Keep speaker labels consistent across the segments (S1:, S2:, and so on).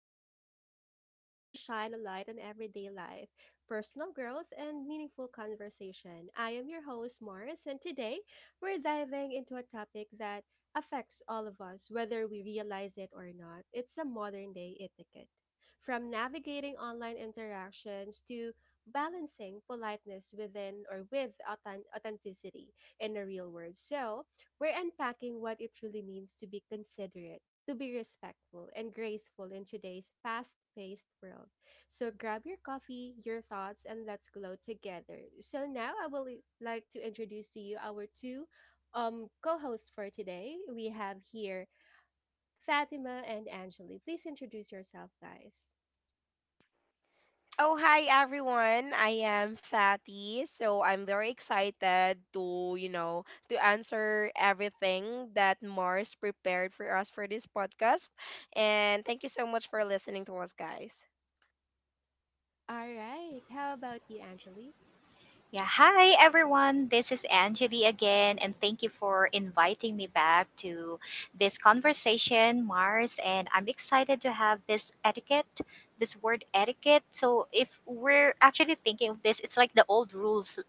S1: Talk, the space where we shine a light on everyday life, personal growth, and meaningful conversation. I am your host, Morris, and today we're diving into a topic that affects all of us, whether we realize it or not. It's a modern day etiquette. From navigating online interactions to balancing politeness within or with authenticity in the real world. So, we're unpacking what it truly means to be considerate to be respectful and graceful in today's fast paced world. So grab your coffee, your thoughts, and let's glow together. So now I will like to introduce to you our two co hosts for today. We have here Fatima and Angeli. Please introduce yourself, guys.
S2: Oh, hi everyone. I am Fatty. So I'm very excited to answer everything that Mars prepared for us for this podcast. And thank you so much for listening to us, guys.
S1: All right. How about you, Angeli?
S3: Yeah, hi everyone. This is Anjali again, and thank you for inviting me back to this conversation, Mars. And I'm excited to have this etiquette, this word etiquette. So, if we're actually thinking of this, it's like the old rules,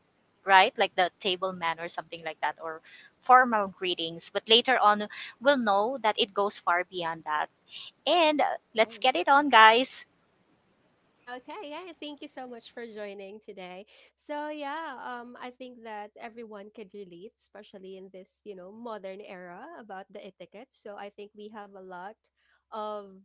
S3: right? Like the table manner, something like that, or formal greetings. But later on, we'll know that it goes far beyond that. And let's get it on, guys.
S1: Okay, yeah, thank you so much for joining today. So yeah, I think that everyone can relate, especially in this, modern era about the etiquette. So I think we have a lot of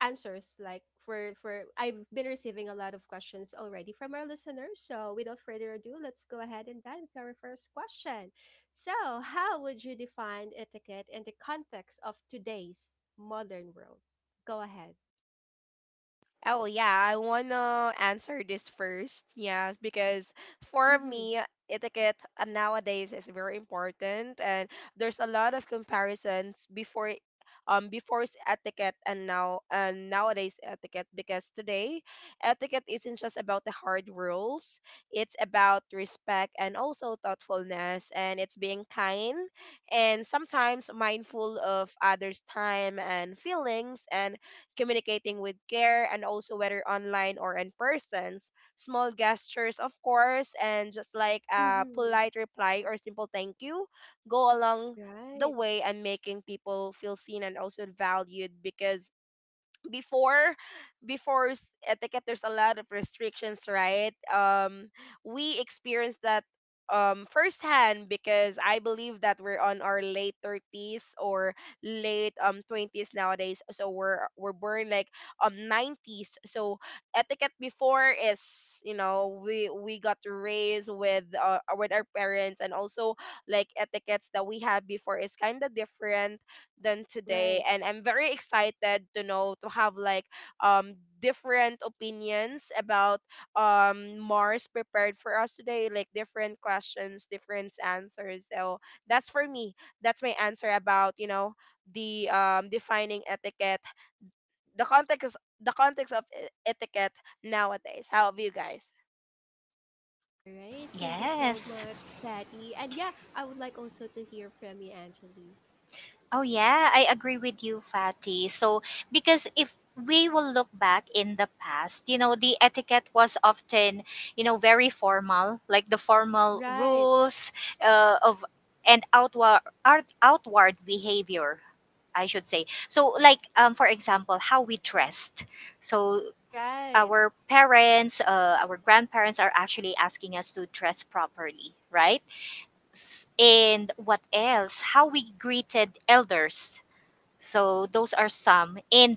S1: answers like for I've been receiving a lot of questions already from our listeners. So without further ado, let's go ahead and dive into our first question. So, how would you define etiquette in the context of today's modern world? Go ahead.
S2: Oh yeah, I wanna answer this first. Yeah, because for
S1: Mhm.
S2: me, etiquette nowadays is very important, and there's a lot of comparisons before etiquette and now and nowadays etiquette. Because today, etiquette isn't just about the hard rules; it's about respect and also thoughtfulness, and it's being kind and sometimes mindful of others' time and feelings and communicating with care, and also whether online or in persons. Small gestures, of course, and just like a
S1: Mhm.
S2: polite reply or simple thank you go along the
S1: Right.
S2: way and making people feel seen and also valued because before before etiquette there's a lot of restrictions, right? We experienced that firsthand because I believe that we're on our late 30s or late 20s nowadays, so we're born like 90s. So etiquette before is, you know, we got raised with with our parents. And also, like, etiquettes that we have before is kind of different than today,
S1: Right.
S2: and I'm very excited to know, to have like um different opinions about Mars prepared for us today, like different questions, different answers. So that's for me. That's my answer about, you know, the defining etiquette, the context the context of etiquette nowadays. How about you guys?
S1: All right. Thank you so
S3: Yes.
S1: much, Patty. And yeah, I would like also to hear from you, Angeli.
S3: Oh yeah, I agree with you, Fatty. So because if we will look back in the past, you know, the etiquette was often, you know, very formal, like the formal
S1: Right.
S3: rules of and outward art, outward behavior, I should say. So like for example, how we dressed. So
S1: Right.
S3: our parents, our grandparents are actually asking us to dress properly, right? And what else, how we greeted elders, so those are some. And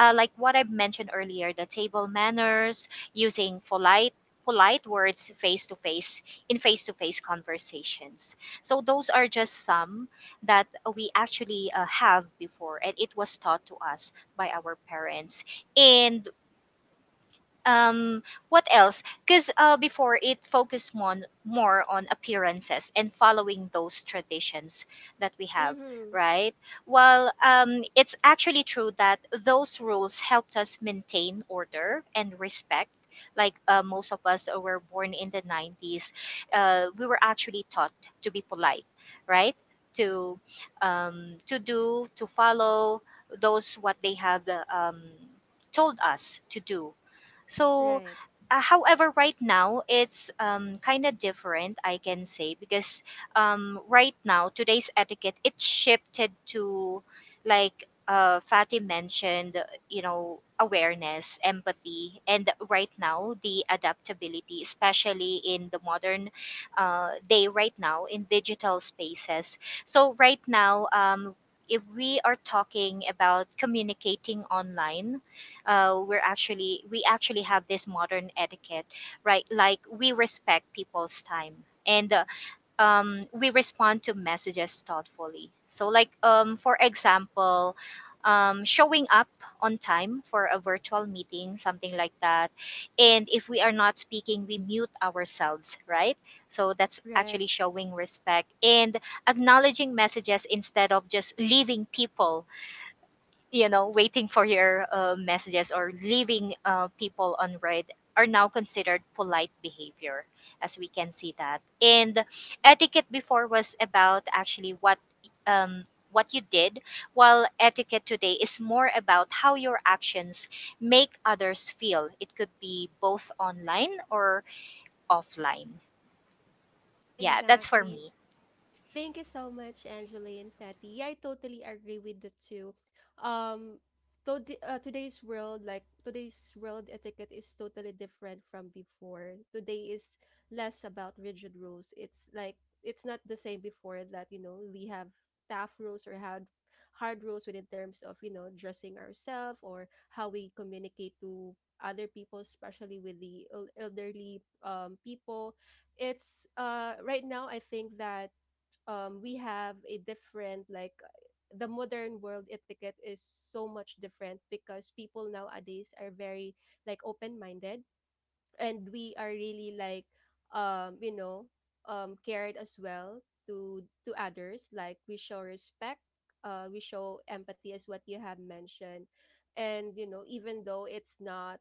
S3: like what I've mentioned earlier, the table manners, using polite words face to face in face to face conversations. So those are just some that we actually have before, and it was taught to us by our parents. And um what else, because before it focused on more on appearances and following those traditions that we have,
S1: Mm-hmm.
S3: right? Well, it's actually true that those rules helped us maintain order and respect. Like most of us were born in the 90s. We were actually taught to be polite, right? To to do to follow those what they have told us to do. So,
S1: Right.
S3: however, right now it's kind of different, I can say, because right now today's etiquette, it shifted to, like Fatty mentioned, you know, awareness, empathy, and right now the adaptability, especially in the modern day, right now in digital spaces. So right now. If we are talking about communicating online, we actually have this modern etiquette, right? Like we respect people's time, and we respond to messages thoughtfully. So like for example, showing up on time for a virtual meeting, something like that. And if we are not speaking, we mute ourselves, right? So that's
S1: Right.
S3: actually showing respect and acknowledging messages, instead of just leaving people, you know, waiting for your messages, or leaving people on read, are now considered polite behavior, as we can see that. And etiquette before was about actually what, um, what you did, while etiquette today is more about how your actions make others feel. It could be both online or offline. Yeah, that's for
S1: Exactly.
S3: me.
S1: Thank you so much, Angeli and Fatty. Yeah, I totally agree with the two. Um, to today's world, like today's world etiquette is totally different from before. Today is less about rigid rules. It's like it's not the same before that you know we have tough rules or hard rules within terms of you know dressing ourselves or how we communicate to other people, especially with the elderly people. It's right now I think that we have a different like the modern world etiquette is so much different because people nowadays are very like open minded and we are really like you know cared as well to others like we show respect we show empathy as what you have mentioned and you know even though it's not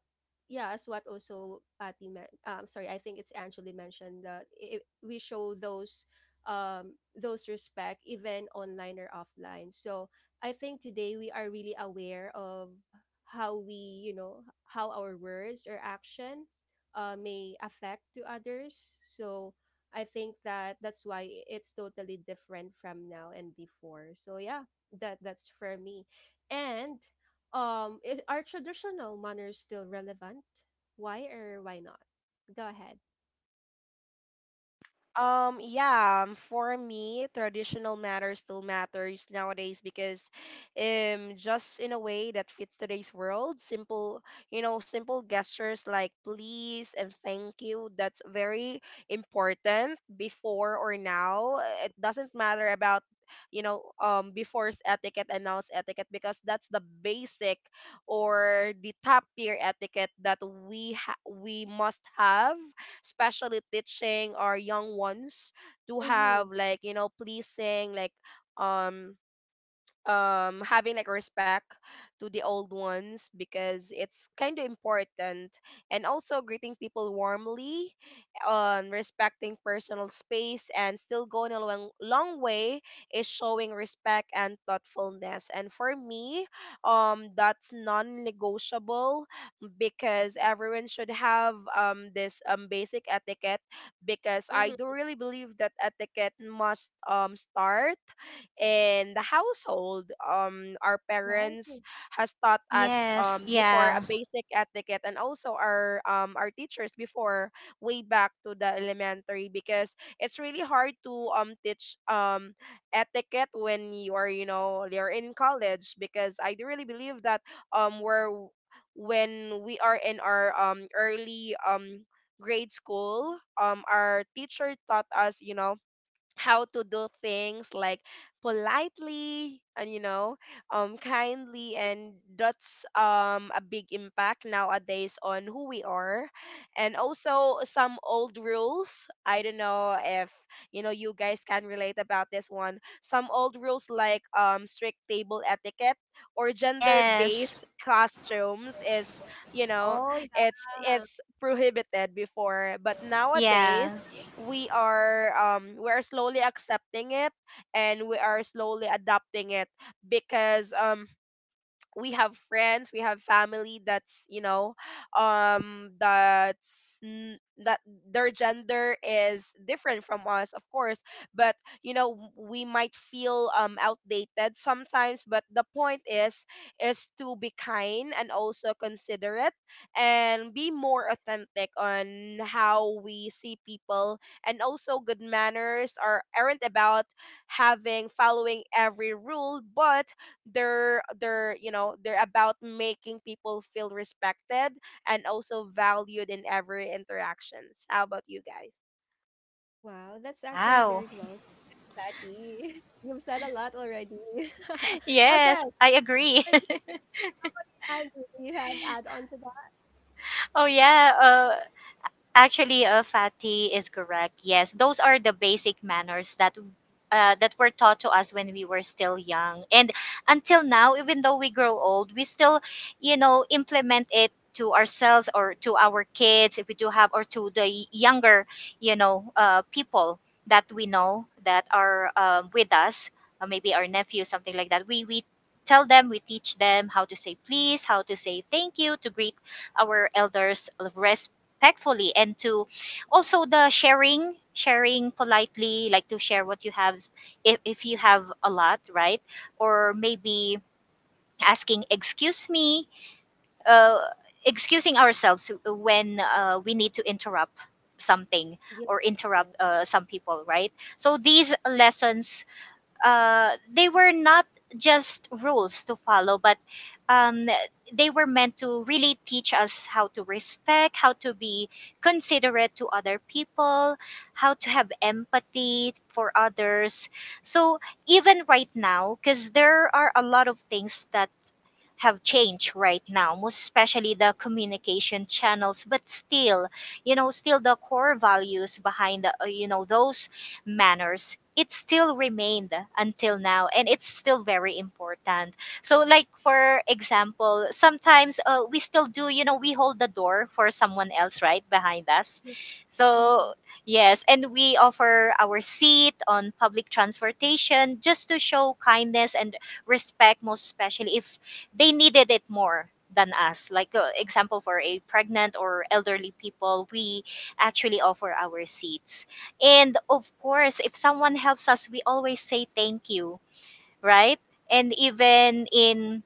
S1: yeah as what also Patty meant sorry I think it's actually mentioned that it, we show those respect even online or offline so I think today we are really aware of how we you know how our words or action may affect to others. So I think that that's why it's totally different from now and before. So yeah, that's for me. And is, are traditional manners still relevant? Why or why not? Go ahead.
S2: Yeah, for me, traditional matters still matters nowadays because just in a way that fits today's world, simple gestures like please and thank you, that's very important before or now. It doesn't matter about, you know, before's etiquette and now's etiquette because that's the basic or the top tier etiquette that we must have, especially teaching our young ones to have,
S1: Mm-hmm.
S2: like, you know, pleasing, like, um having like respect to the old ones because it's kind of important. And also greeting people warmly on respecting personal space and still going a long, long way is showing respect and thoughtfulness. And for me, that's non-negotiable because everyone should have this basic etiquette because I do
S1: Mm-hmm.
S2: really believe that etiquette must start in the household. Our
S1: Right.
S2: parents has taught us
S3: Yes,
S2: before a
S3: yeah.
S2: basic etiquette, and also our teachers before way back to the elementary because it's really hard to teach etiquette when you are you know you're in college because I do really believe that we're when we are in our early grade school, our teacher taught us, you know, how to do things like politely and, you know, kindly. And that's a big impact nowadays on who we are. And also some old rules, I don't know if, you know, you guys can relate about this one, some old rules like strict table etiquette or gender
S3: Yes,
S2: based costumes is you know
S1: Oh yeah.
S2: it's prohibited before, but
S3: yeah.
S2: nowadays we are slowly accepting it, and we are slowly adapting it because we have friends, we have family that's you know that's n- that their gender is different from us, of course. But, you know, we might feel outdated sometimes, but the point is to be kind and also considerate and be more authentic on how we see people. And also, good manners aren't about having following every rule, but they're you know they're about making people feel respected and also valued in every interactions. How about you guys?
S1: Wow, that's actually
S3: Wow.
S1: very well said, Patty. You've said a lot already. Okay,
S3: Yes, I agree.
S1: Andy, do you have add on to that?
S3: oh yeah, uh, Actually, Fatty is correct. Yes, those are the basic manners that that were taught to us when we were still young, and until now, even though we grow old, we still, you know, implement it to ourselves or to our kids if we do have, or to the younger, you know, people that we know that are with us, maybe our nephew, something like that. We tell them, we teach them how to say please, how to say thank you, to greet our elders, respectfully, and to also the sharing politely, like to share what you have if you have a lot, right? Or maybe asking excuse me, uh, excusing ourselves when we need to interrupt something,
S1: Yes,
S3: or
S1: Yeah.
S3: interrupt some people, right? So these lessons, they were not just rules to follow, but um, they were meant to really teach us how to respect, how to be considerate to other people, how to have empathy for others. So even right now, because there are a lot of things that have changed right now, most especially the communication channels. But still, you know, still the core values behind the, you know, those manners, it still remained until now, and it's still very important. So like for example, sometimes we still do, you know, we hold the door for someone else right behind us.
S1: Mhm.
S3: So yes, and we offer our seat on public transportation just to show kindness and respect, most especially if they needed it more than us, like example, for a pregnant or elderly people, we actually offer our seats. And of course, if someone helps us, we always say thank you, right? And even in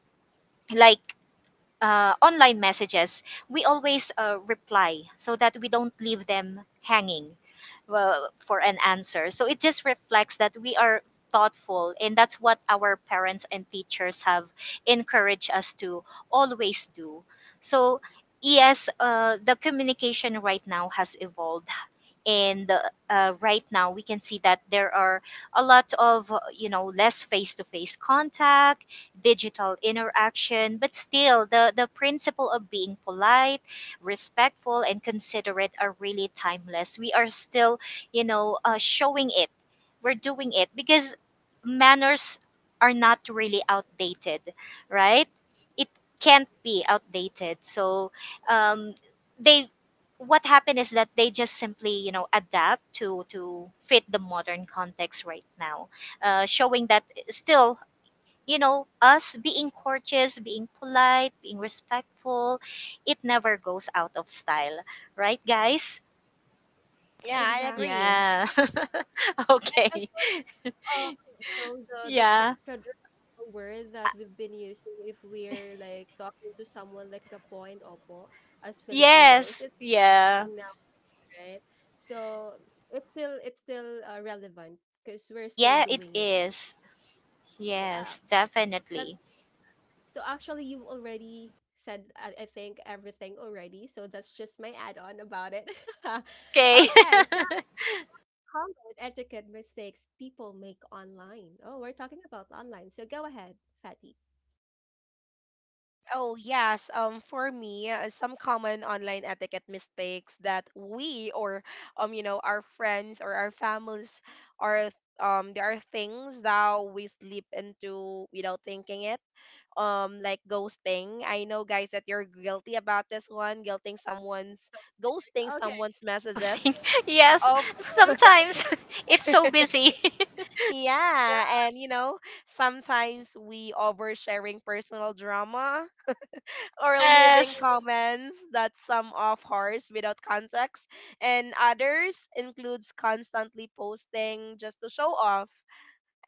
S3: like online messages, we always reply so that we don't leave them hanging, well, for an answer. So it just reflects that we are thoughtful, and that's what our parents and teachers have encouraged us to always do. So, yes, the communication right now has evolved, and right now we can see that there are a lot of you know, less face-to-face contact, digital interaction, but still the principle of being polite, respectful and considerate are really timeless. We are still, you know, showing it, we're doing it because manners are not really outdated, right? It can't be outdated. So um, they, what happened is that they just simply, you know, adapt to fit the modern context right now, showing that still, you know, us being courteous, being polite, being respectful, it never goes out of style, right guys?
S2: Yeah,
S1: Exact.
S2: I
S3: Yeah.
S2: agree.
S1: And
S3: Okay.
S1: also, um, you know, the
S3: Yeah.
S1: traditional word that we've been using if we're like talking to someone like the po and opo as Filipinos,
S3: Yes,
S1: it's a
S3: yeah.
S1: thing now, right? So it's still relevant because we're still
S3: Yeah, it
S1: doing it.
S3: is.
S1: Yeah.
S3: Yes,
S1: That
S3: definitely.
S1: so actually you've already said I think everything already. So that's just my add on about it.
S3: Okay.
S1: Okay. So common etiquette mistakes people make online. Oh, we're talking about online. So go ahead, Fatty.
S2: Oh, yes, for me, some common online etiquette mistakes that we or, you know, our friends or our families are there are things that we slip into without thinking it, like ghosting. I know, guys, that you're guilty about this one, guilting someone's ghosting
S1: Okay.
S2: someone's messages.
S3: Ghosting. Yes,
S2: Oh
S3: sometimes it's so busy.
S2: yeah,
S1: Yeah.
S2: and you know, sometimes we oversharing personal drama or leaving
S3: Yes.
S2: comments that some of ours without context, and others includes constantly posting just to show off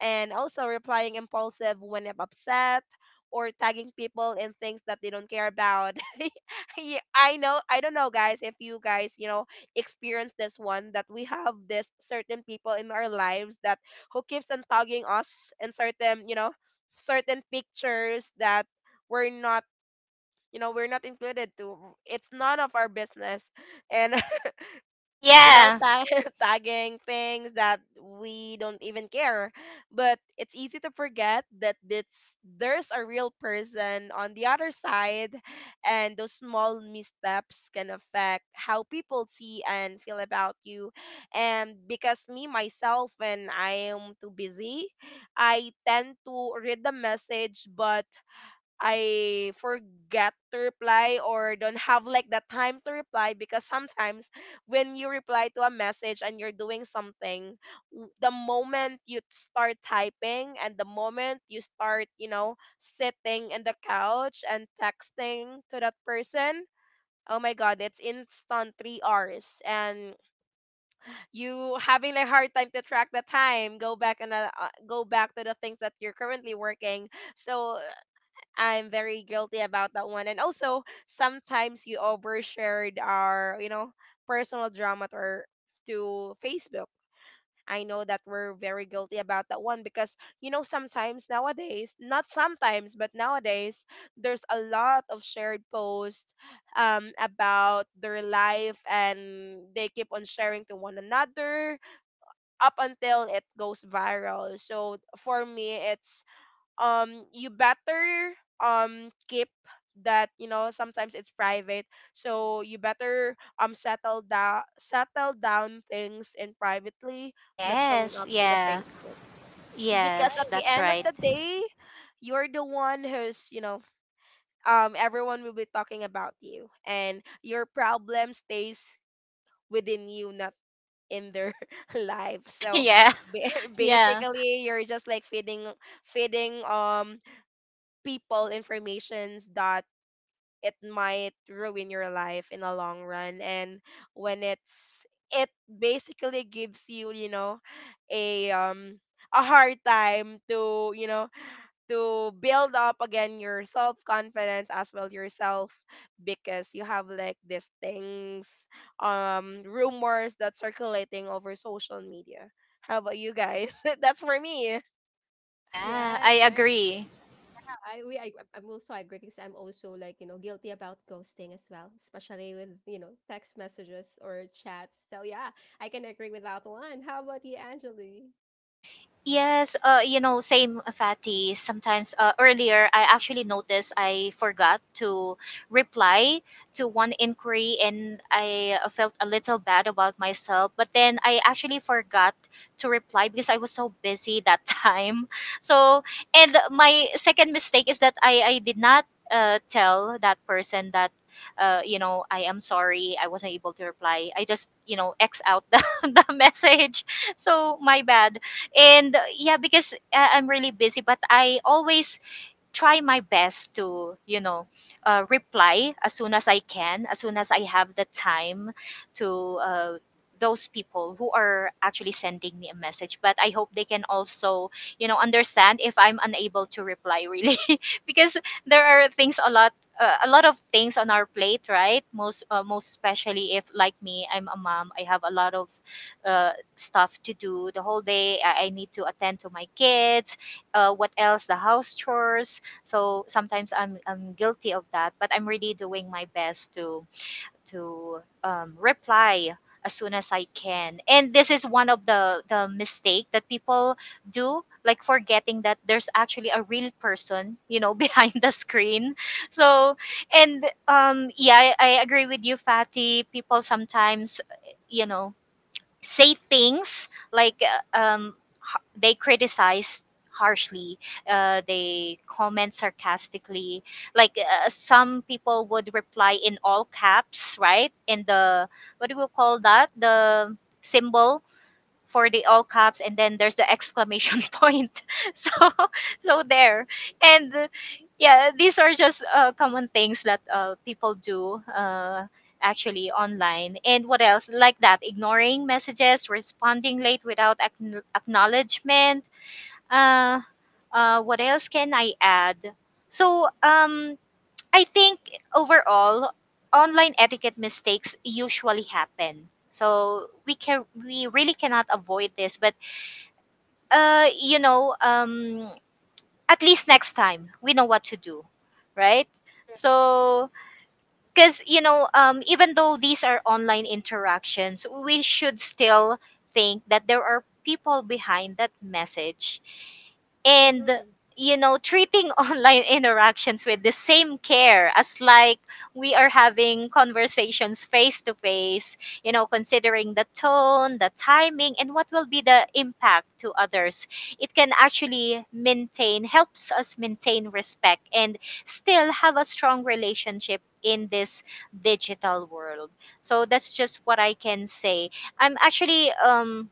S2: and also replying impulsive when I'm upset or tagging people in things that they don't care about. Yeah, I don't know, guys, if you guys, you know, experience this one, that we have this certain people in our lives that who keeps on tagging us in certain pictures that we're not we're not included to. It's none of our business and, you know,
S3: Yeah.
S2: tagging things that we don't even care. But it's easy to forget that there's a real person on the other side, and those small missteps can affect how people see and feel about you. And because me, myself, when I am too busy, I tend to read the message, but I forget to reply or don't have like the time to reply because sometimes when you reply to a message and you're doing something, the moment you start typing and the moment you start, you know, sitting in the couch and texting to that person, oh my god, it's instant 3 hours, and you having a hard time to track the time, go back to the things that you're currently working. So I'm very guilty about that one. And also, sometimes you overshared our, you know, personal drama to, to Facebook. I know that we're very guilty about that one because, you know, sometimes nowadays, not sometimes, but nowadays, there's a lot of shared posts about their life, and they keep on sharing to one another up until it goes viral. So for me, it's you better keep that, you know, sometimes it's private, so you better settle down things in privately, not showing
S3: Yes.
S2: up to the
S3: Yeah.
S2: Facebook because
S3: Yes.
S2: at
S1: Right.
S2: the
S3: That's
S2: end of
S3: right.
S2: the day, you're the one who's you know everyone will be talking about you, and your problem stays within you, not in their life. So
S3: Yeah. Yeah.
S2: basically, you're just like feeding feeding people informations that it might ruin your life in the long run. And when it basically gives you, you know, a um a hard time to, you know, to build up again your self confidence as well, yourself, because you have like these things rumors that circulating over social media. How about you guys? That's for me.
S3: Yeah. I
S1: Right. Right.
S3: agree.
S1: I'm also agree because I'm also like you know guilty about ghosting as well, especially with you know text messages or chats. So yeah, I can agree with that one. How about you, Angeli?
S3: Yes, you know, same Fatty. Sometimes earlier, I actually noticed I forgot to reply to one inquiry, and I felt a little bad about myself. But then I actually forgot to reply because I was so busy that time. So, and my second mistake is that I did not tell that person that. You know, I am sorry. I wasn't able to reply. I just, you know, X out the message. So my bad. And yeah, because I'm really busy, but I always try my best to, you know, reply as soon as I can, as soon as I have the time to those people who are actually sending me a message. But I hope they can also, you know, understand if I'm unable to reply really. Because there are things a lot, a lot of things on our plate, right? Most, most especially if like me, I'm a mom, I have a lot of stuff to do the whole day. I need to attend to my kids, what else, the house chores. So sometimes I'm guilty of that, but I'm really doing my best to reply as soon as I can. And this is one of the mistake that people do, like forgetting that there's actually a real person, you know, behind the screen. So, and yeah, I agree with you, Fatty. People sometimes, you know, say things like they criticize harshly, they comment sarcastically, like some people would reply in all caps, right? In the, what do we call that, the symbol for the all caps, and then there's the exclamation point. So, so there. And yeah, these are just common things that people do, actually online. And what else, like that, ignoring messages, responding late without acknowledgement. uh, what else can I add? So I think overall, online etiquette mistakes usually happen. So we can, we really cannot avoid this, but uh, you know, um, at least next time we know what to do, right?
S1: Yeah.
S3: So because, you know, even though these are online interactions, we should still think that there are people behind that message. And
S1: Mm-hmm.
S3: you know, treating online interactions with the same care as, like, we are having conversations face to face, you know, considering the tone, the timing, and what will be the impact to others, it can actually maintain, helps us maintain respect and still have a strong relationship in this digital world. So that's just what I can say. I'm actually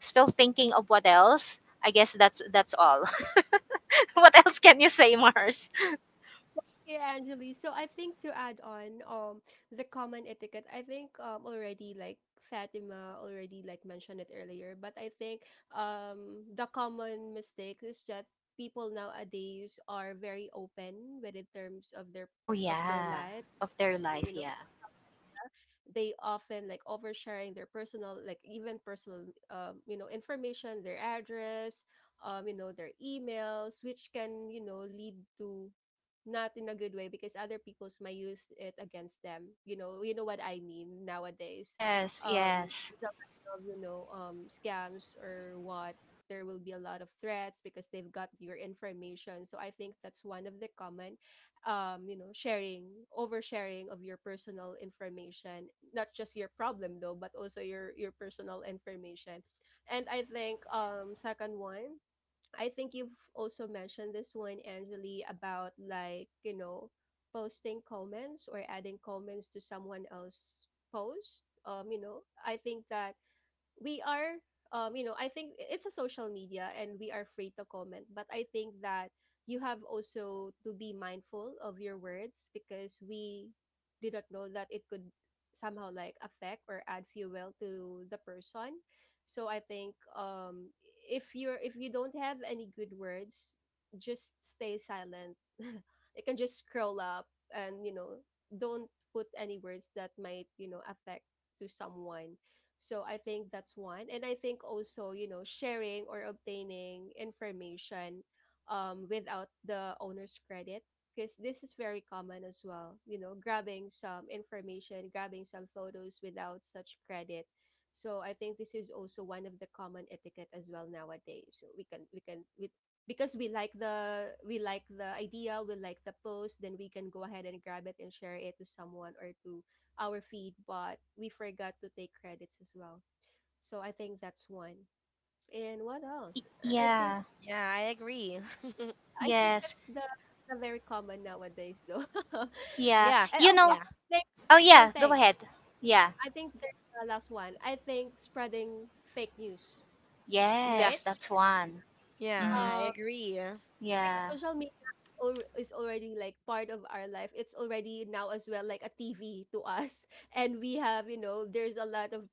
S3: still thinking of what else. I guess that's all. What else can you say, Mars?
S1: Yeah, Anjali. So I think to add on the common etiquette, I think already like Fatima already like mentioned it earlier, but I think the common mistake is that people nowadays are very open with in terms of their
S3: Oh
S1: of their
S3: yeah,
S1: life,
S3: of their
S1: you
S3: life,
S1: know,
S3: yeah.
S1: so they often like oversharing their personal like even personal you know information, their address, you know, their emails, which can, you know, lead to not in a good way because other people's might use it against them you know what I mean nowadays
S3: Yes,
S1: um
S3: yes.
S1: there's a lot of you know scams or what there will be a lot of threats because they've got your information so I think that's one of the common you know sharing oversharing of your personal information not just your problem though but also your personal information and I think second one I think you've also mentioned this one, Angeli, about like, you know, posting comments or adding comments to someone else's post. You know, I think that we are you know I think it's a social media and we are free to comment but I think that you have also to be mindful of your words because we did not know that it could somehow like affect or add fuel to the person so I think if you're if you don't have any good words just stay silent you can just scroll up and you know don't put any words that might you know affect to someone so I think that's one. And I think also, you know, sharing or obtaining information without the owner's credit, because this is very common as well, you know, grabbing some information, grabbing some photos without such credit. So I think this is also one of the common etiquette as well nowadays. So because we like the idea, we like the post, then we can go ahead and grab it and share it to someone or to our feed, but we forgot to take credits as well. So I think that's one. And what else? I I think
S3: Yeah,
S2: Yeah, I agree.
S1: I think
S3: yes.
S1: that's the very common nowadays though. And oh,
S3: Yeah.
S2: Yes.
S3: You
S1: oh,
S3: know,
S2: Yeah.
S1: there-
S3: oh
S1: there's one
S3: yeah, go
S1: thing.
S3: ahead. Yeah.
S1: I think there's the last one. I think spreading fake news,
S3: Yes,
S1: right?
S3: that's
S2: Yes.
S3: one.
S2: Yeah,
S3: Mhm.
S2: I
S1: Uh,
S2: agree.
S1: because
S3: Yeah.
S1: social media is already like part of our life. It's already now as well like a TV to us, and we have you know there's a lot of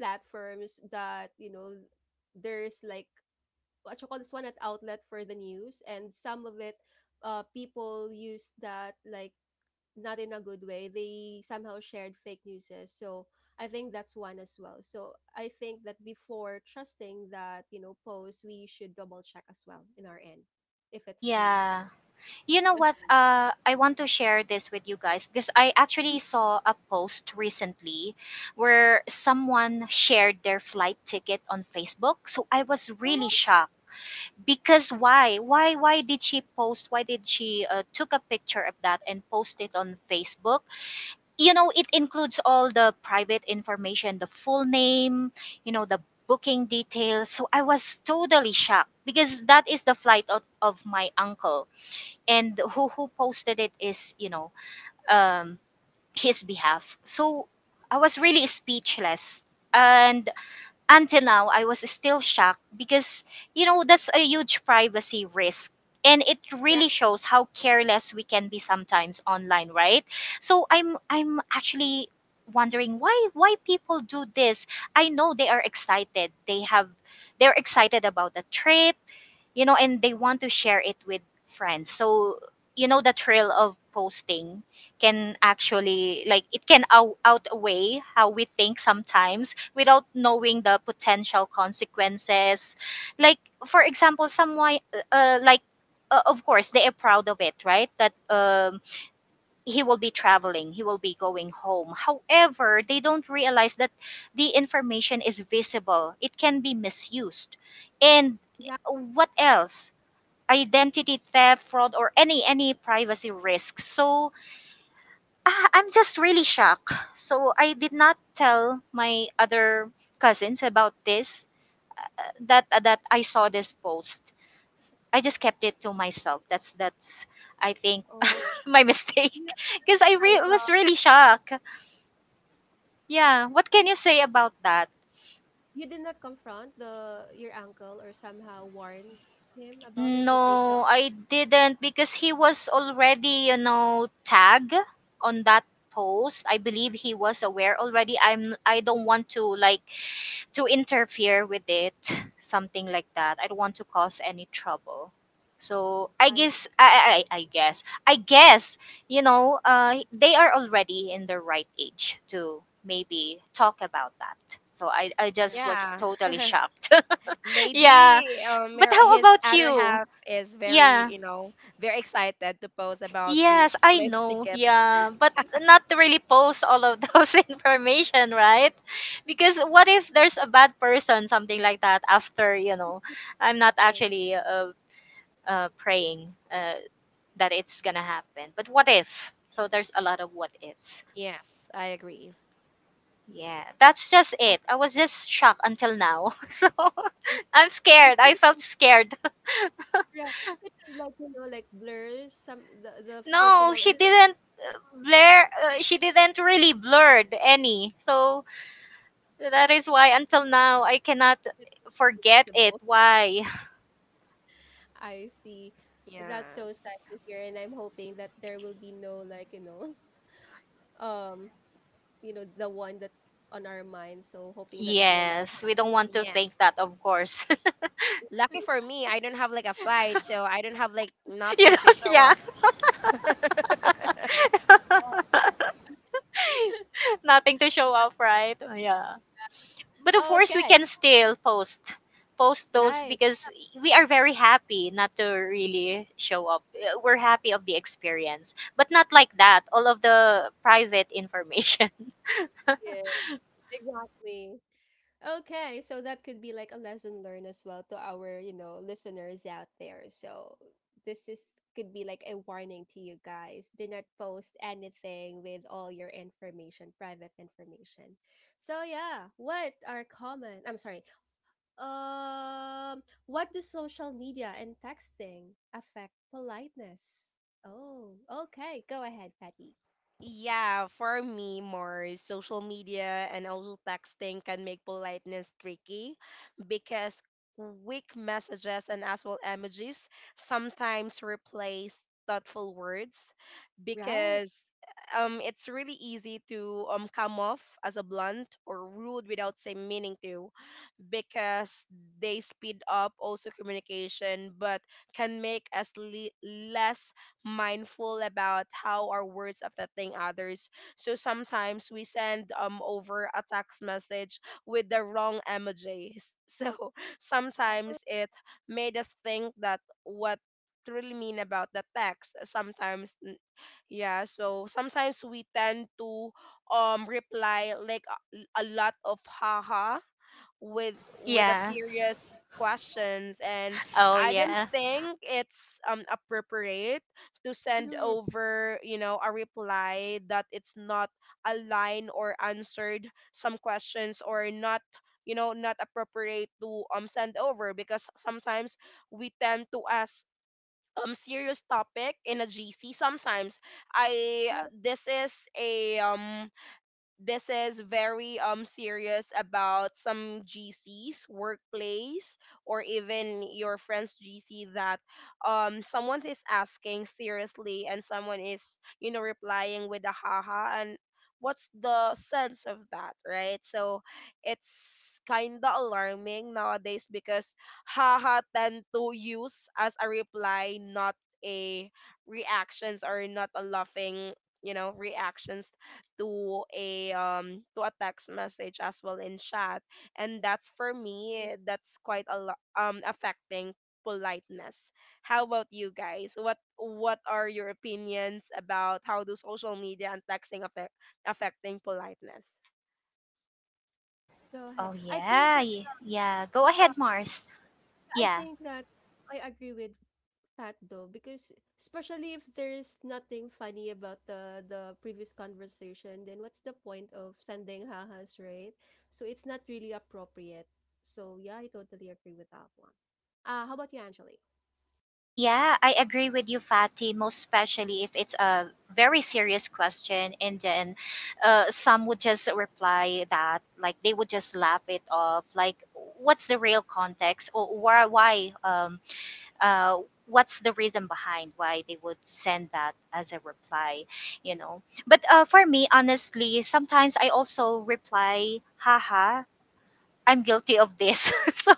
S1: platforms that you know there's like what you call this one at outlet for the news and some of it people use that like not in a good way they somehow shared fake news eh, so I think that's one as well so I think that before trusting that you know post we should double check as well in our end if it's you know
S3: Yeah. You know what? I want to share this with you guys because I actually
S1: Mhm.
S3: saw a post recently where someone shared their flight ticket on Facebook. So I was really shocked because why? Why? Why did she post? Why did she took a picture of that and post it on Facebook? You know, it includes all the private information, the full name, you know, the booking details. So I was totally shocked because that is the flight of my uncle and who posted it is um his behalf, so I was really speechless and until now I was still shocked because, you know, that's a huge privacy risk, and it
S1: Right.
S3: really shows how careless we can be sometimes online, right? So I'm actually wondering why people do this. I know they are excited, they're excited about the trip, you know, and they want to share it with friends. So, you know, the thrill of posting can actually, like, it can outweigh how we think sometimes without knowing the potential consequences. Like, for example, someone, like, of course, they are proud of it, right? That he will be traveling, he will be going home. However, they don't realize that the information is visible, it can be misused. And what else? Identity theft, fraud, or any privacy risks. So I'm just really shocked. So I did not tell my other cousins about this, that that I saw this post. I just kept it to myself. That's I think
S1: Oh,
S3: my
S1: you
S3: mistake because I
S1: like
S3: was really shocked. Yeah, what can you say about that?
S1: you did not confront the your uncle or somehow warn him about it to take down
S3: No, I didn't, because he was already, you know, tagged on that post. I believe he was aware already. I'm I don't want to like to interfere with it, something like that. I don't want to cause any trouble. So I
S1: I
S3: guess I guess, you know, they are already in the right age to maybe talk about that. So I
S1: right.
S3: just was
S2: Yeah.
S3: totally shocked. Yeah.
S2: Maybe
S3: But how
S2: his
S3: about
S2: other
S3: you?
S2: half is very,
S3: Yeah.
S2: you know, very excited to post about the
S3: Yes, I
S2: plane
S3: know.
S2: ticket.
S3: Yeah, but not to really post all of those information, right? Because what if there's a bad person, something like that, after, you know, I'm not
S1: Yeah
S3: actually praying that it's going to happen. But what if? So there's a lot of what ifs.
S2: Yes, I agree.
S3: Yeah, that's just it. I was just shocked until now. So I'm scared. I
S1: I
S3: felt scared.
S1: Yeah, It could have like, you know, like blur some the
S3: No,
S1: personal
S3: she
S1: information
S3: didn't blur. She didn't really blurred any. So that is why until now I cannot
S1: is
S3: forget it.
S1: visible.
S3: Why?
S1: I see. That's so
S2: Yes.
S1: sad to hear, and I'm hoping that there will be no like, you know, um, you know, the one that's on our mind. So hoping that it will not
S3: Yes,
S1: happen.
S3: we don't want to think
S2: Yes.
S3: that, of course.
S2: Lucky for me, I don't have like a flight, so I don't have like
S3: You
S2: nothing
S3: know,
S2: to show
S3: yeah.
S2: off.
S3: Nothing to show off, right? Yeah. But of course, we
S1: Okay.
S3: can still post those
S1: Right.
S3: because we are very happy not to really show up. We're happy of the experience, but not like that. All of the private information.
S1: Yeah, exactly. Okay, so that could be like a lesson learned as well to our, you know, listeners out there. So this is could be like a warning to you guys. Do not post anything with all your information, private information. So yeah, what are common? I'm sorry. Um, what do social media and texting affect politeness? Oh, okay. Go ahead, Patty.
S2: Yeah, for me, more social media and also texting can make politeness tricky because quick messages and as well emojis sometimes replace thoughtful words
S1: Right.
S2: because it's really easy to come off as a blunt or rude without saying meaning to because they speed up also communication but can make us less mindful about how our words affecting others. So sometimes we send over a text message with the wrong emojis so sometimes it made us think that what really mean about the text sometimes yeah, so sometimes we tend to reply like a lot of haha with with a
S3: Yeah.
S2: serious questions. And
S3: Oh
S2: I don't
S3: yeah.
S2: think it's appropriate to send
S1: Mm-hmm.
S2: over, you know, a reply that it's not aligned or answered some questions, or not, you know, not appropriate to send over because sometimes we tend to ask serious topic in a gc sometimes. i
S1: Yeah,
S2: this is a um this is very serious about some GCs workplace or even your friend's GC that someone is asking seriously, and someone is, you know, replying with a haha. And what's the sense of that, right? So it's kinda alarming nowadays because haha tend to use as a reply, not a reactions or not a laughing, you know, reactions to a text message as well in chat. And that's for me. That's quite a lot affecting politeness. How about you guys? What are your opinions about how do social media and texting affecting politeness?
S1: go ahead.
S3: Oh yeah, yeah. Go
S1: Uh,
S3: ahead, Mars.
S1: I
S3: Yeah,
S1: think that I agree with Pat though because especially if there's nothing funny about the previous conversation then what's the point of sending hahas right so it's not really appropriate so yeah I totally agree with that one how about you Angelique
S3: yeah. I agree with you, Fatty. Most especially if it's a very serious question, and then some would just reply that, like they would just laugh it off. Like, what's the real context, or why? Why? Uh. What's the reason behind why they would send that as a reply? You know. But for me, honestly, sometimes I also reply, haha. I'm guilty of this. So,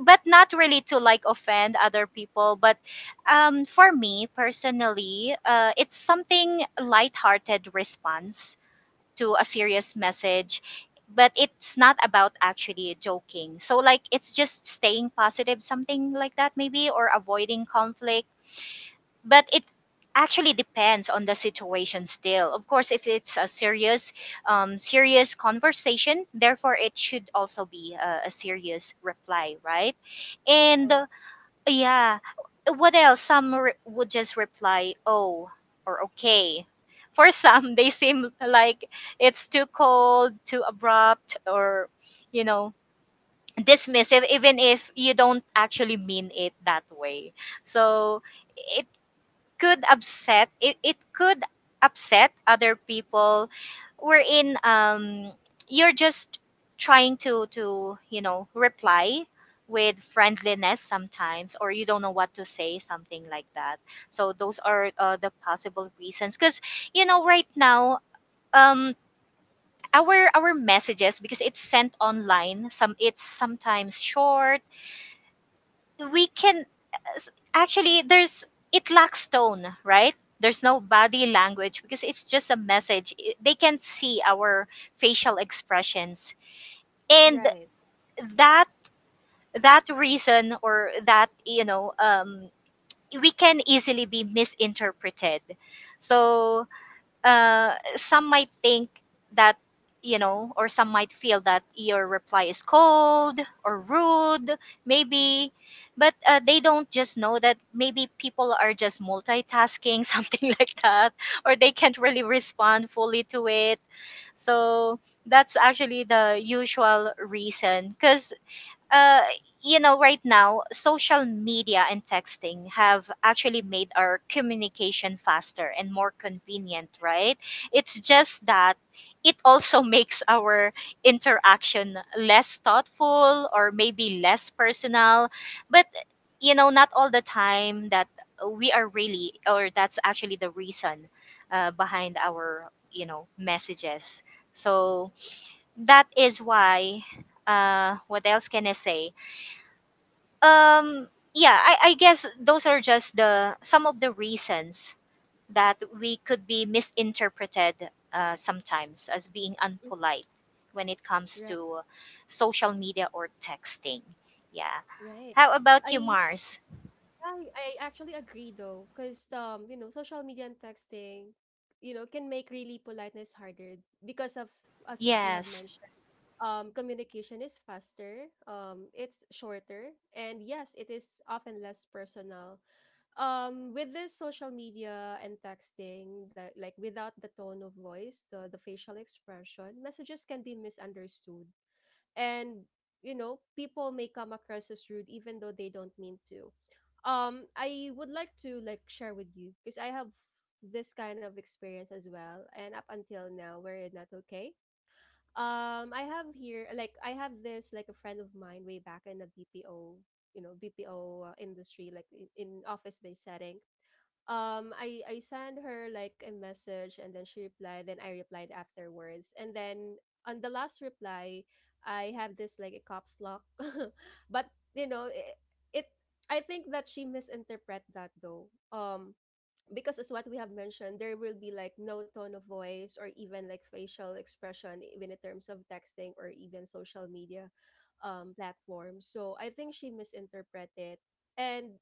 S3: but not really to like offend other people. But for me personally, it's something lighthearted response to a serious message. But it's not about actually joking. So, like, it's just staying positive, something like that, maybe, or avoiding conflict. But it actually depends on the situation. Still, of course, if it's a serious serious conversation, therefore it should also be a serious reply, right? And
S1: right
S3: yeah, what else? Some would just reply oh or okay. For some, they seem like it's too cold, too abrupt, or, you know, dismissive, even if you don't actually mean it that way. So it could upset, it could upset other people, wherein you're just trying to, you know, reply with friendliness sometimes, or you don't know what to say, something like that. So those are the possible reasons, because, you know, right now, um our messages, because it's sent online, some, it's sometimes short. We can actually, there's, it lacks tone, right? There's no body language because it's just a message. I- they can see our facial expressions. And
S1: right
S3: that, that reason, or that, you know, we can easily be misinterpreted. So some might think that, you know, or some might feel that your reply is cold or rude, maybe. But they don't just know that maybe people are just multitasking, something like that, or they can't really respond fully to it. So that's actually the usual reason. Because uh, you know, right now, social media and texting have actually made our communication faster and more convenient, right? It's just that it also makes our interaction less thoughtful, or maybe less personal. But, you know, not all the time that we are really, or that's actually the reason behind our, you know, messages. So that is why, what else can I say? Yeah, I guess those are just the some of the reasons that we could be misinterpreted sometimes, as being
S1: Mm,
S3: unpolite when it comes
S1: right
S3: to social media or texting. Yeah,
S1: right
S3: how about you,
S1: i
S3: Mars?
S1: I actually agree though because you know social media and texting you know can make really politeness harder because of as what you have
S3: Yes.
S1: mentioned communication is faster, it's shorter, and yes, it is often less personal. With this social media and texting, that like without the tone of voice, the facial expression, messages can be misunderstood. And, you know, people may come across as rude even though they don't mean to. I would like to like share with you because I have this kind of experience as well, and up until now, we're not okay I have here like I have this like a friend of mine way back in the BPO, you know, BPO industry, like in office-based setting. I sent her like a message, and then she replied. Then I replied afterwards, and then on the last reply, I have this like a caps lock, but you know, it I think that she misinterpreted that though. Because as what we have mentioned, there will be like no tone of voice or even like facial expression, even in terms of texting or even social media platforms. So I think she misinterpreted. And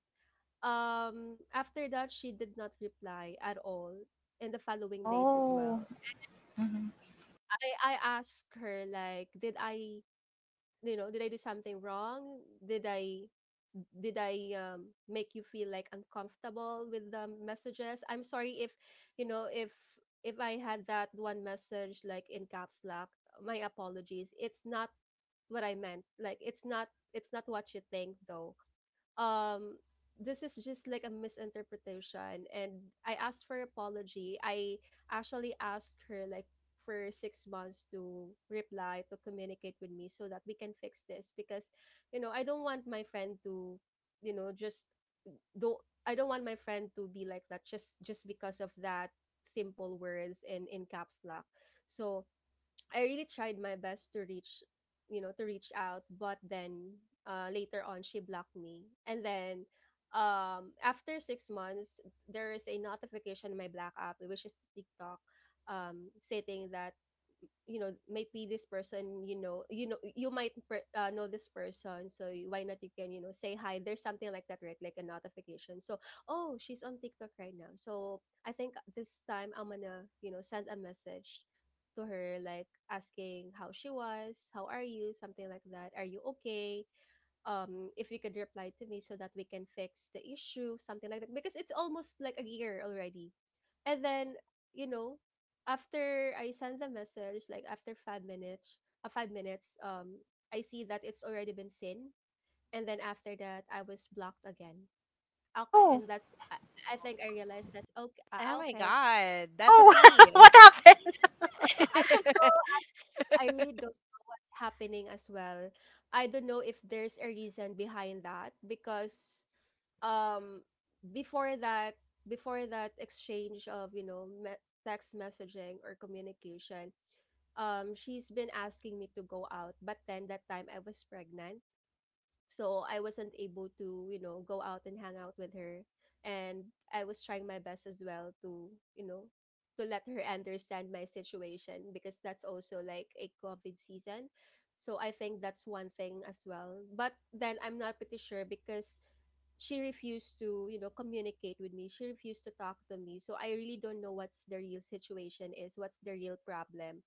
S1: After that, she did not reply at all in the following days as
S3: Oh.
S1: well.
S3: Mhm.
S1: I asked her, like, did I, you know, did I do something wrong, did i, did i make you feel like uncomfortable with the messages? I'm sorry if, you know, if I had that one message like in caps lock. My apologies, it's not what I meant, like it's not, it's not what you think though. Um, this is just like a misinterpretation. And I asked for apology, I actually asked her like for 6 months to reply, to communicate with me so that we can fix this because, you know, I don't want my friend to, you know, just don't, I don't want my friend to be like that just because of that simple words in caps lock. So I really tried my best to reach, you know, to reach out, but then later on she blocked me. And then After 6 months, there is a notification in my black app, which is TikTok, stating that, you know, maybe this person, you know, you know, you might know this person, so why not you can, you know, say hi, there's something like that, right, like a notification. So oh, she's on TikTok right now. So I think this time I'm gonna, you know, send a message to her like asking how she was, how are you, something like that, are you okay? Um, if you could reply to me so that we can fix the issue, something like that, because it's almost like a year already. And then, you know, after I send the message, like after 5 minutes, uh, five minutes um I see that it's already been seen. And then after that I was blocked again. Okay,
S3: Oh.
S1: I think I realized that okay,
S2: Oh my
S1: okay,
S2: god, that's a
S3: Oh.
S2: t
S3: What happened?
S1: I don't know. I really don't know what's happening as well. I don't know if there's a reason behind that because, um, before that, before that exchange of, you know, text messaging or communication, um, she's been asking me to go out, but then that time I was pregnant. So I wasn't able to, you know, go out and hang out with her. And I was trying my best as well to, you know, to let her understand my situation because that's also like a COVID season. So I think that's one thing as well. But then I'm not pretty sure because she refused to, you know, communicate with me. She refused to talk to me. So I really don't know what's the real situation is, what's the real problem.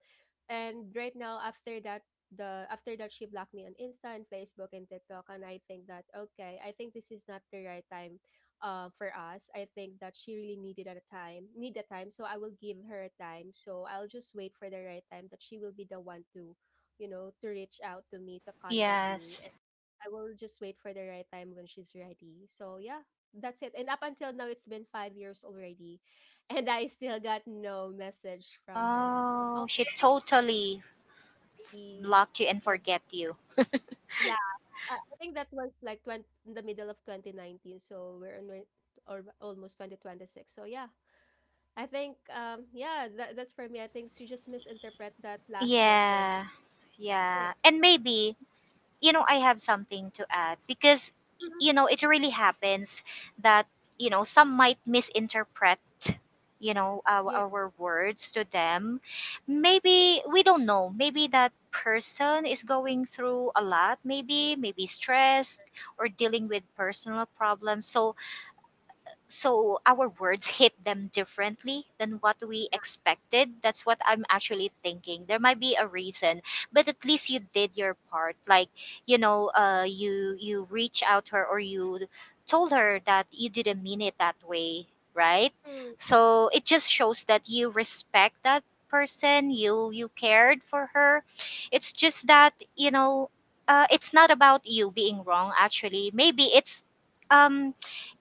S1: And right now, after that she blocked me on Insta and Facebook and TikTok. And I think that okay, I think this is not the right time for us. I think that she really needed a time, need a time, so I will give her a time. So I'll just wait for the right time that she will be the one to, you know, to reach out to me, to contact me.
S3: Yes.
S1: And I will just wait for the right time when she's ready. So yeah, that's it. And up until now it's been 5 years already and I still got no message from her. Oh,
S3: Oh, she
S1: I think it's
S3: totally
S1: already
S3: blocked you and
S1: uh,
S3: forget you.
S1: tw- I think that was like twenty, in the middle of 2019, so we're in re or almost 2026. So yeah, I think, yeah, that that's for me. I think she just misinterpret that last message.
S3: Yeah.
S1: That's
S3: Yeah,
S1: it.
S3: and maybe, you know, I have something to add, because,
S1: Mhm.
S3: you know, it really happens that, you know, some might misinterpret, you know,
S1: Yeah.
S3: our words to them. Maybe we don't know. Maybe that person is going through a lot, maybe, maybe stressed or dealing with personal problems. So, so our words hit them differently than what we expected. That's what I'm actually thinking. There might be a reason, but at least you did your part. Like, you know, you, you reach out to her, or you told her that you didn't mean it that way, right?
S1: Mm,
S3: So it just shows that you respect that person, you cared for her. It's just that, you know, it's not about you being wrong. Actually, maybe um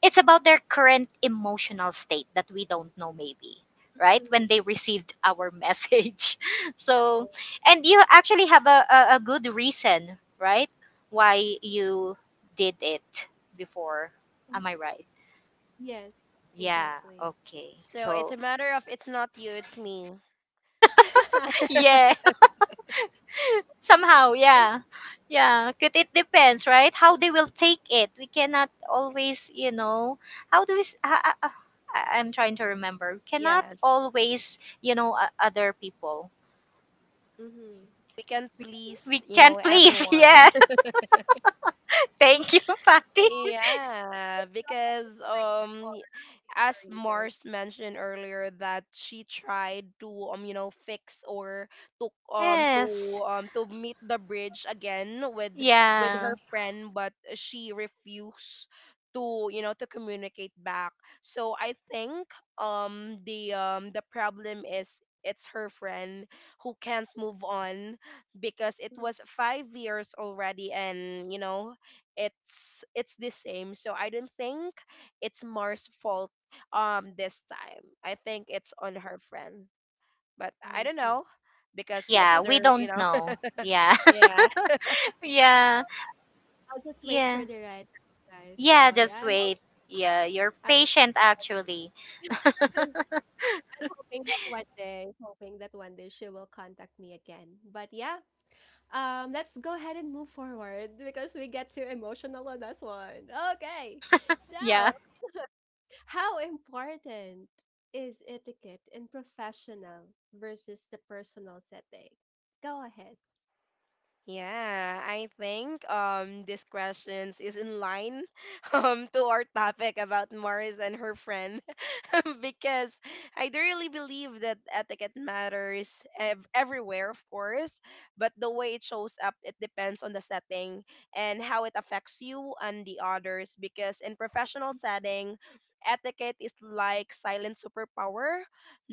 S3: it's about their current emotional state that we don't know, maybe, right, when
S1: mm,
S3: they received our message. So,
S1: right.
S3: and you actually have a good reason, right, why you did it before?
S1: Mm.
S3: Am I right?
S1: Yes,
S3: Yeah,
S1: exactly.
S3: okay.
S2: so it's a
S3: So
S2: matter of it's not you, it's me.
S3: yeah. Somehow,
S1: Oh,
S3: yeah. Yeah, yeah, 'cause it depends, right? How they will take it. We cannot always, you know, how do we I- I'm trying to remember. We cannot
S2: Yes,
S3: always, you know, other people.
S1: mhm.
S2: we can
S3: We,
S2: please
S3: we can't please.
S2: everyone.
S3: Yeah. Thank you, Patty.
S2: Yeah,
S1: Yeah,
S2: because
S1: it's right or asking
S2: as
S1: for a reason.
S2: Mars mentioned earlier that she tried to you know fix, or to um to
S3: Yes.
S2: to meet the bridge again with her
S3: Yeah.
S2: friend, but she refused to you know to communicate back. So I think, the problem is it's her friend who can't move on because it
S1: Mm,
S2: was 5 years already, and, you know, it's the same. So I don't think it's Mars' fault this time. I think it's on her friend, but I
S1: I
S2: don't
S1: see.
S2: know because it's
S3: Yeah, we
S2: their, you
S3: don't
S2: know.
S3: know. Yeah.
S2: Yeah.
S1: Yeah,
S3: Yeah.
S1: I'll just wait
S3: Yeah.
S1: for the right guys.
S3: Yeah,
S1: So yeah,
S3: just wait. Yeah, you're
S1: I'm
S3: patient actually.
S1: hoping that one day, hoping that one day she will contact me again. But yeah, let's go ahead and move forward because we get too emotional on this one. Okay,
S3: Yeah.
S1: so how important is etiquette in professional versus the personal setting? Go ahead.
S2: Yeah, I think these questions is in line, to our topic about Morris and her friend. Because I do really believe that etiquette matters everywhere, of course, but the way it shows up, it depends on the setting and how it affects you and the others. Because in professional setting, etiquette is like silent superpower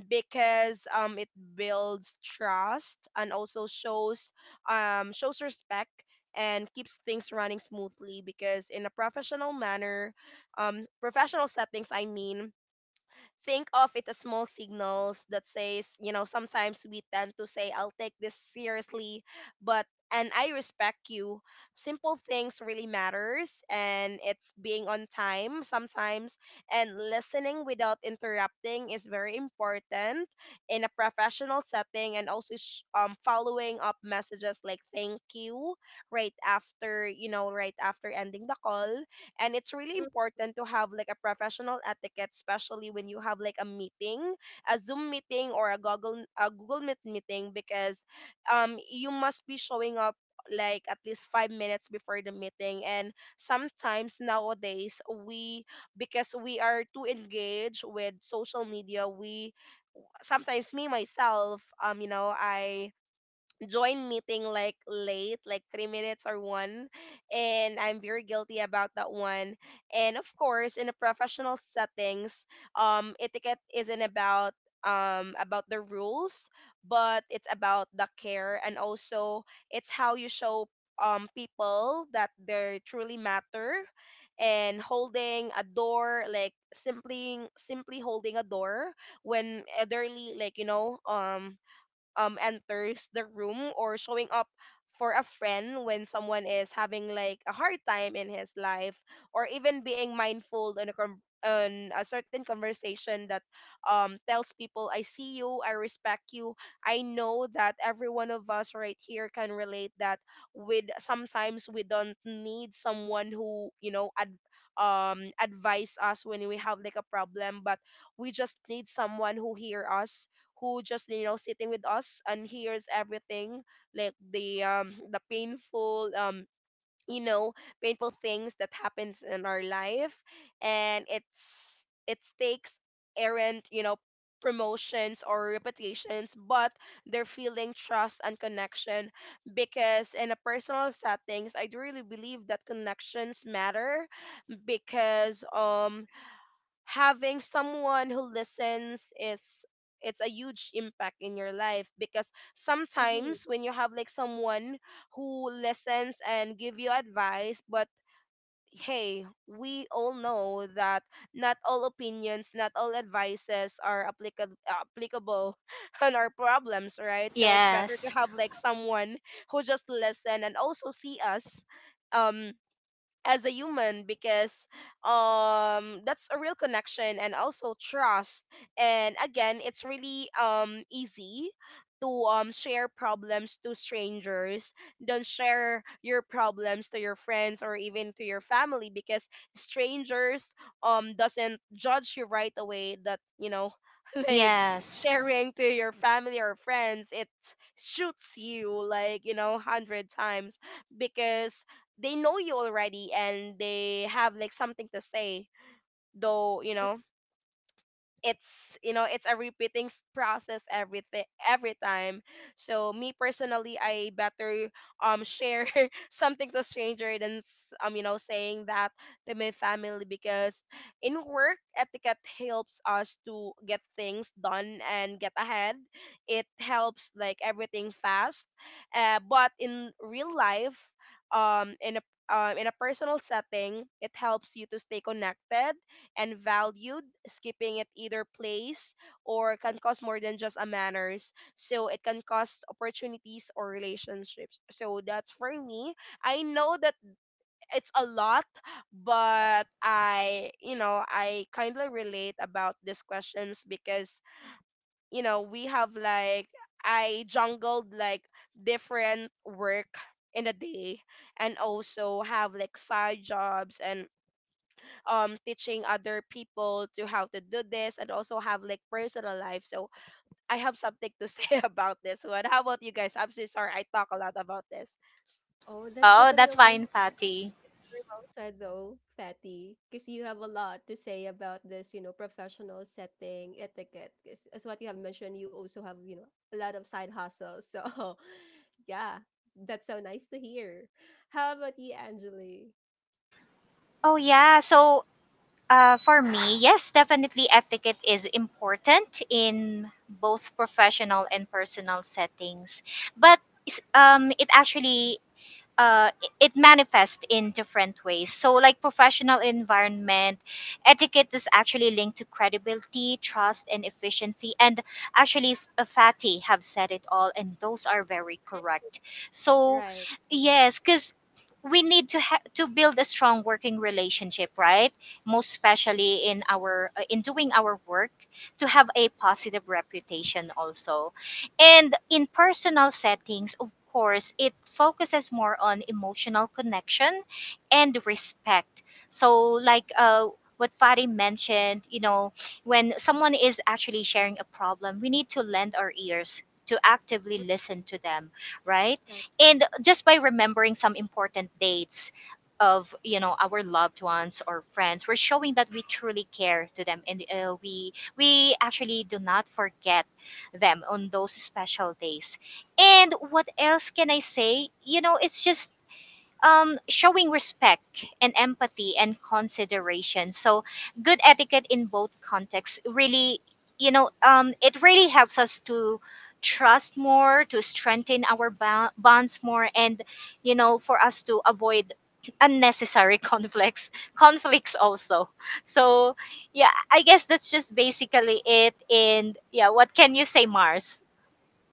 S2: because it builds trust and also shows shows respect and keeps things running smoothly because in a professional manner, professional settings I mean, think of it as small signals that says, you know, sometimes we tend to say, I'll take this seriously, but and I respect you. Simple things really matters and it's being on time sometimes and listening without interrupting is very important in a professional setting and also following up messages like thank you right after, you know, right after ending the call. And it's really important to have like a professional etiquette especially when you have like a meeting, a zoom meeting or a google meet meeting because you must be showing up like at least 5 minutes before the meeting. And sometimes nowadays we, because we are too engaged with social media, we sometimes, me myself you know, I join meeting like late, like 3 minutes or one, and I'm very guilty about that one. And of course in a professional settings, etiquette isn't about the rules, but it's about the care, and also it's how you show people that they truly matter. And holding a door, like simply simply holding a door when elderly, like, you know, enters the room, or showing up for a friend when someone is having like a hard time in his life, or even being mindful in a on a certain conversation that tells people I see you, I respect you. I know that every one of us right here can relate that with sometimes we don't need someone who, you know, advise us when we have like a problem, but we just need someone who hear us, who just, you know, sitting with us and hears everything like the, the painful, you know, painful things that happens in our life. And it's, it takes errant, you know, promotions or reputations, but they're feeling trust and connection. Because in a personal settings, I do really believe that connections matter because, having someone who listens is, it's a huge impact in your life. Because
S1: Mm-hmm.
S2: sometimes when you have like someone who listens and give you advice, but hey, we all know that not all opinions, not all advices are applicable on our problems, right? So it's better to
S3: Yes.
S2: have like someone who just listen and also see us um as a human. Because that's a real connection and also trust. And again, it's really easy to share problems to strangers. Don't share your problems to your friends or even to your family, because strangers doesn't judge you right away. That, you know, like
S3: Yes.
S2: sharing to your family or friends, it shoots you like, you know, 100 times, because they know you already and they have like something to say, though, you know, it's, you know, it's a repeating process everything every time. So me personally, I better share something to stranger than you know, saying that to my family. Because in work, etiquette helps us to get things done and get ahead. It helps like everything fast. But in real life, in a, in a personal setting, it helps you to stay connected and valued. Skipping it either place or can cause more than just a manners. So it can cause opportunities or relationships. So that's for me. I know that it's a lot, but I, you know, I kind of relate about these questions because, you know, we have like, I jungled like different work in a day and also have like side jobs and teaching other people to how to do this and also have like personal life. So I have something to say about this one. How about you guys? I'm so sorry I talk a lot about this.
S1: Oh, that's
S3: Oh,
S1: totally
S3: that's
S1: okay.
S3: fine, Fatty.
S1: Dr. Rosa, though, Fatty, because you have a lot to say about this, you know, professional setting etiquette. 'Cause as what you have mentioned, you also have, you know, a lot of side hustles. So, yeah, that's so nice to hear. How about you, Angeli?
S3: Oh, yeah. So, for me, yes, definitely etiquette is important in both professional and personal settings. But it actually it manifests in different ways. So, like professional environment, etiquette is actually linked to credibility, trust, and efficiency. And actually, Fatty have said it all, and those are very correct. So,
S1: Right.
S3: yes, because we need to build a strong working relationship, right? Most especially in our in doing our work to have a positive reputation also. And in personal settings, of course, it focuses more on emotional connection and respect. So, like what Fari mentioned, you know, when someone is actually sharing a problem, we need to lend our ears to actively listen to them, right?
S1: So,
S3: And just by remembering some important dates of, you know, our loved ones or friends, we're showing that we truly care to them, and we actually do not forget them on those special days. And what else can I say? You know, it's just showing respect and empathy and consideration. So, good etiquette in both contexts really, you know, it really helps us to trust more, to strengthen our bonds more, and, you know, for us to avoid unnecessary conflicts also. So yeah, I guess that's just basically it. And yeah, what can you say, Mars?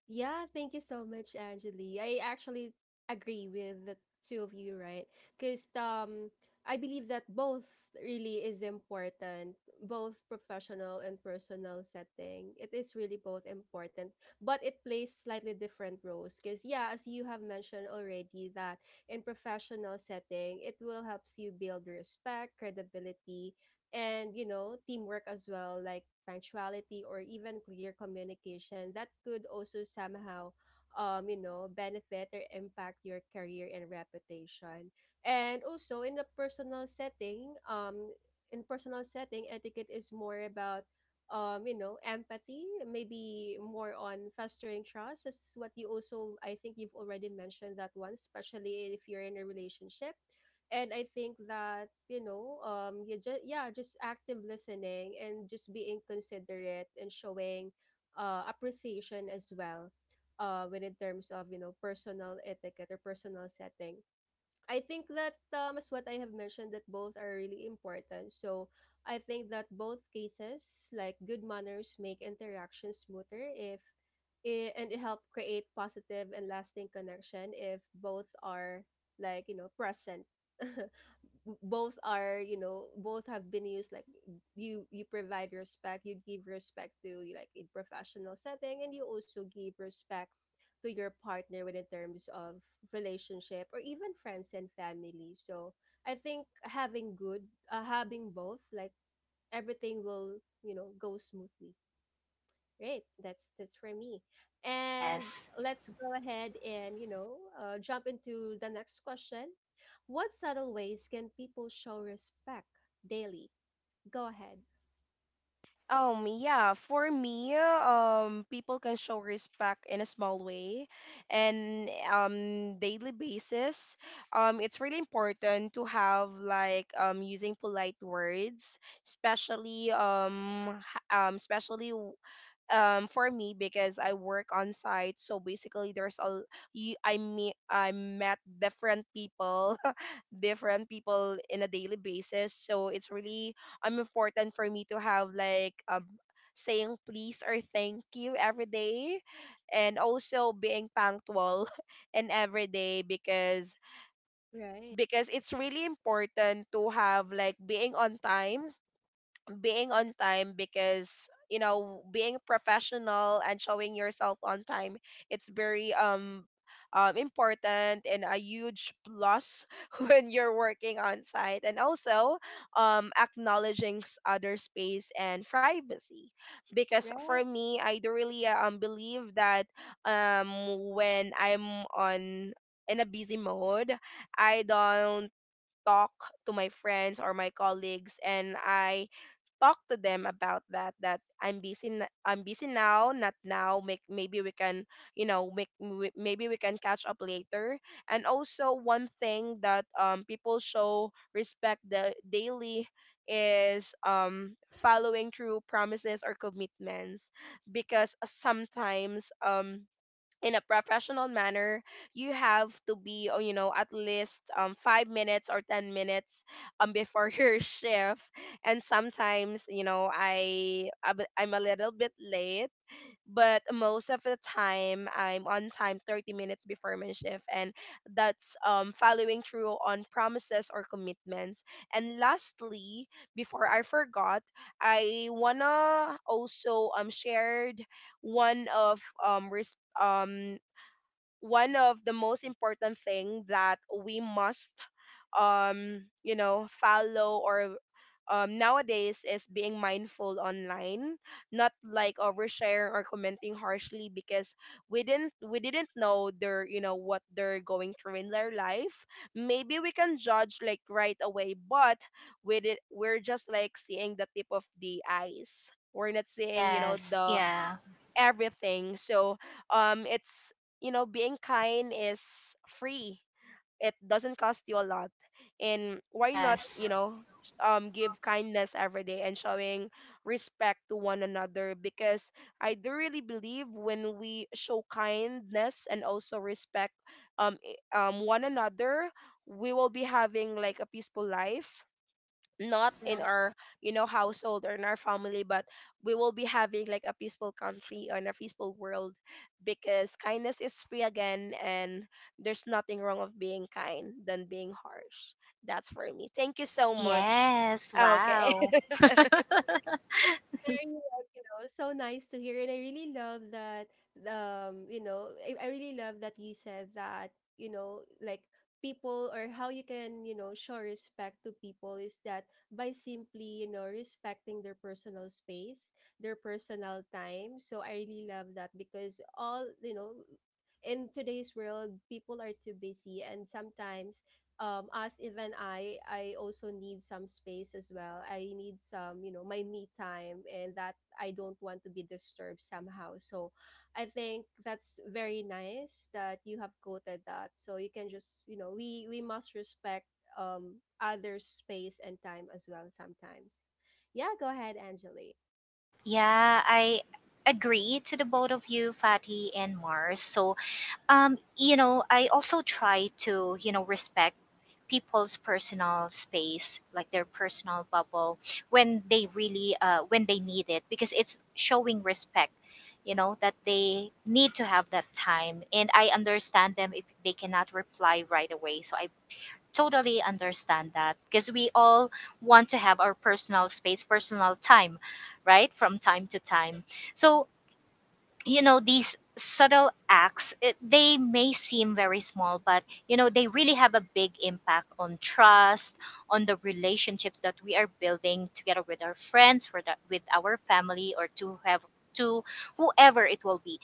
S1: yeah, thank you so much, Angeli. I actually agree with the two of you, right? Because, I believe that both really is important, both professional and personal setting. It is really both important, but it plays slightly different roles. Because yeah, as you have mentioned already, that in professional setting, it will helps you build respect, credibility, and you know teamwork as well, like punctuality or even clear communication that could also somehow, um, you know, benefit or impact your career and reputation. And also in a personal setting, um, in personal setting etiquette is more about, um, you know, empathy, maybe more on fostering trust. That's what you also I think you've already mentioned that one, especially if you're in a relationship. And I think that, you know, um, you just yeah just active listening and just being considerate and showing appreciation as well when in terms of, you know, personal etiquette or personal setting. I think that, um, as what I have mentioned that both are really important. So I think that both cases like good manners make interactions smoother if and it help create positive and lasting connection if both are, like, you know, present. Both are, you know, both have been used like you provide respect, you give respect to like in professional setting, and you also give respect to your partner when in terms of relationship or even friends and family. So I think having good having both like everything will, you know, go smoothly. Great. That's for me. And
S3: Yes.
S1: let's go ahead and, you know, jump into the next question. What subtle ways can people show respect daily? Go ahead.
S2: Yeah, for me, people can show respect in a small way and daily basis. It's really important to have like, using polite words, especially especially for me because I work on site, so basically there's a, you I meet I met different people in a daily basis. So it's really important for me to have like, saying please or thank you every day, and also being punctual in every day,
S1: Right.
S2: because it's really important to have like being on time being on time. Because, you know, being professional and showing yourself on time, it's very, important and a huge plus when you're working on site. And also, acknowledging other space and privacy, because for
S1: Right.
S2: me I do really, believe that, um, when I'm on, in a busy mode, I don't talk to my friends or my colleagues, and I talk to them about that, that I'm I'm busy now, not now, make, maybe we can, you know, maybe we can catch up later. And also one thing that, people show respect the daily is, following through promises or commitments, because sometimes, in a professional manner, you have to be, oh, you know, at least, 5 minutes or 10 minutes, before your shift. And sometimes, you know, I'm a little bit late, but most of the time I'm on time 30 minutes before my shift, and that's, following through on promises or commitments. And lastly, before I forgot, I wanna also shared one of, one of the most important thing that we must, um, you know, follow, or nowadays is being mindful online, not like oversharing or commenting harshly, because we didn't know their, you know, what they're going through in their life. Maybe we can judge like right away, but we're just like seeing the tip of the eyes, we're not seeing, you know,
S3: Yes.
S2: the
S3: Yeah.
S2: everything. So, it's, you know, being kind is free. It doesn't cost you a lot, and why not, you
S3: Yes.
S2: know, give kindness every day and showing respect to one another. Because I do really believe when we show kindness and also respect, one another, we will be having like a peaceful life, not in
S1: Right.
S2: our, you know, household or in our family, but we will be having like a peaceful country and a peaceful world. Because kindness is free again, and there's nothing wrong of being kind than being harsh. That's for me. Thank you so much.
S3: Yes,
S2: Okay.
S3: wow.
S1: Very well, you know, so nice to hear, and I really love that. You know, I really love that you said that. You know, like people or how you can, you know, show respect to people is that by simply, you know, respecting their personal space, their personal time. So I really love that because all you know. In today's world, people are too busy, and sometimes, um, as even i also need some space as well, I need some, you know, my me time, and that I don't want to be disturbed somehow. So I think that's very nice that you have quoted that, so you can just, you know, we must respect, um, others space and time as well sometimes. Yeah, go ahead, Angeli.
S3: Yeah, I agree to the both of you, Fatty and Mars. So, you know, I also try to, you know, respect people's personal space, like their personal bubble, when they really, when they need it, because it's showing respect, you know, that they need to have that time. And I understand them if they cannot reply right away. So I totally understand that, because we all want to have our personal space, personal time, right? From time to time. So, you know, these subtle acts, they may seem very small, but, you know, they really have a big impact on trust, on the relationships that we are building together with our friends, with, with our family, or to have to whoever it will be,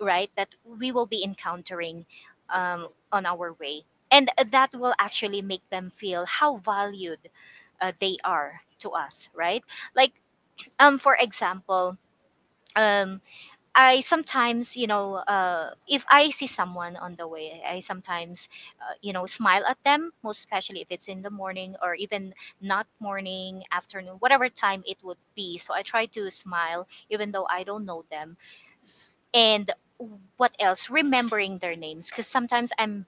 S3: right, that we will be encountering on our way. And that will actually make them feel how valued they are to us, right? Like for example, um I sometimes, you know, if I see someone on the way, I sometimes you know, smile at them, most especially if it's in the morning, or even not morning, afternoon, whatever time it would be. So I try to smile even though I don't know them. And what else? Remembering their names, because sometimes I'm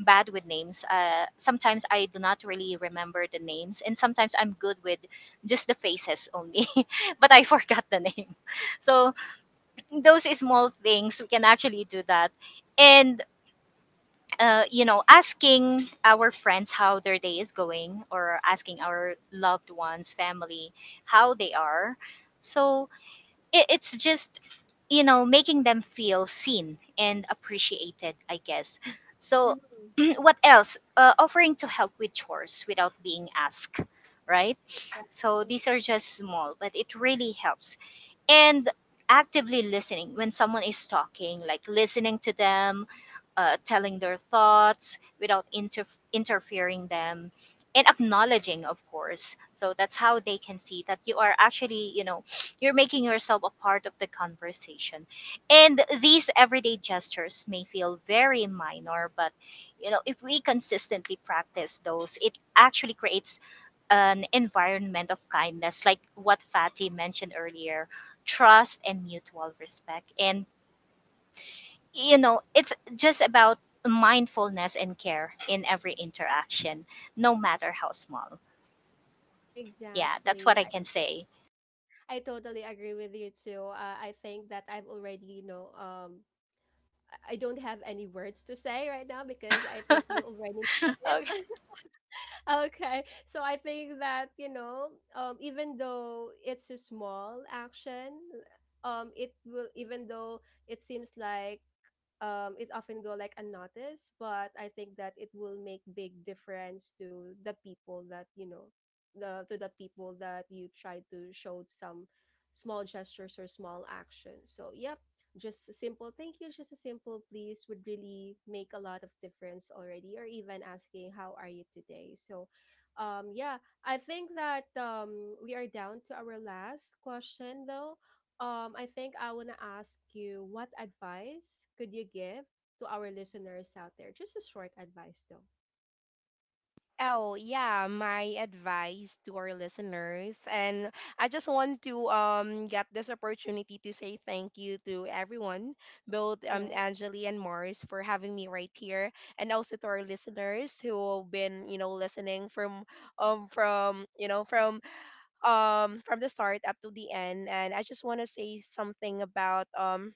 S3: bad with names. Sometimes I do not really remember the names, and sometimes I'm good with just the faces only, but I forgot the name. So those small things we can actually do that. And you know, asking our friends how their day is going, or asking our loved ones, family, how they are. So it's just, you know, making them feel seen and appreciated, I guess. So
S1: Mhm.
S3: what else? Offering to help with chores without being asked, right?
S1: Right.
S3: So these are just small, but it really helps. And actively listening when someone is talking, like listening to them, telling their thoughts without interfering them, and acknowledging, of course, so that's how they can see that you are actually, you know, you're making yourself a part of the conversation. And these everyday gestures may feel very minor, but you know, if we consistently practice those, it actually creates an environment of kindness, like what Fatty mentioned earlier, trust and mutual respect. And, you know, it's just about mindfulness and care in every interaction, no matter how small. Yeah, that's what
S1: Exactly.
S3: I can say.
S1: I totally agree with you too. I think that I've already, you know, I don't have any words to say right now because I think you already nailed
S3: Okay.
S1: it. okay. So I think that, you know, even though it's a small action, it will, even though it seems like, it often go like unnoticed, but I think that it will make big difference to the people that you know, the to the people that you try to show some small gestures or small actions. So yep, just a simple thank you, just a simple please would really make a lot of difference already, or even asking how are you today. So, yeah, I think that we are down to our last question though. Um, I think I want to ask you what advice could you give to our listeners out there? Just a short advice, though,
S2: Oh, yeah, my advice to our listeners. And I just want to get this opportunity to say thank you to everyone, both
S1: right?
S2: Angeli and Mars for having me right here, and also to our listeners who have been, you know, listening from, you know, from the start up to the end. And I just want to say something about, um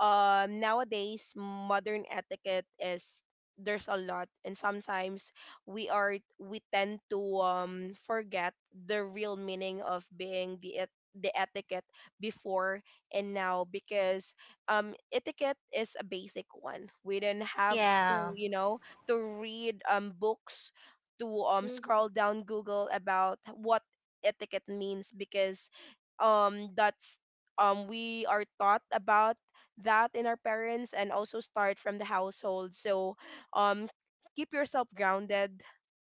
S2: um nowadays modern etiquette is, there's a lot, and sometimes we tend to, um, forget the real meaning of being the etiquette before and now. Because, um, etiquette is a basic one. We didn't have
S3: Yeah.
S2: to, you know, to read, um, books, to, um,
S1: Hmm.
S2: scroll down google about what etiquette means. Because, um, that's, um, we are taught about that in our parents, and also start from the household. So, um, keep yourself grounded,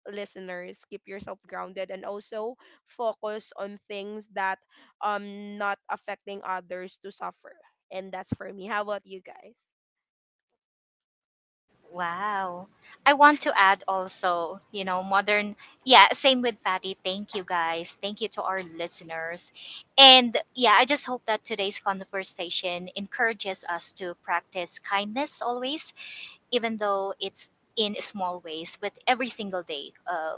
S2: listeners, keep yourself grounded, and also focus on things that, um, not affecting others to suffer. And that's for me. How about you guys?
S3: Wow. I want to add also, you know, modern, yeah, same with Patty. Thank you guys. Thank you to our listeners. And yeah, I just hope that today's conversation encourages us to practice kindness always, even though it's in small ways, but every single day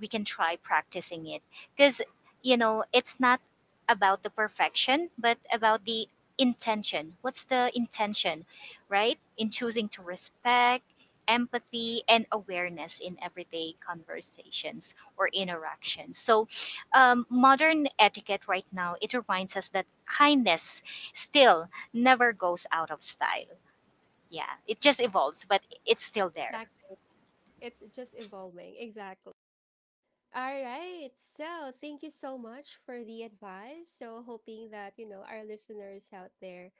S3: we can try practicing it, because, you know, it's not about the perfection but about the intention. What's the intention, right, in choosing to respect empathy and awareness in everyday conversations or interactions? So modern etiquette right now, it reminds us that kindness still never goes out of style. Yeah, it just evolves, but it's still there.
S1: Exactly. It's just evolving. Exactly. All right. So, thank you so much for the advice. So, hoping that, you know, our listeners out there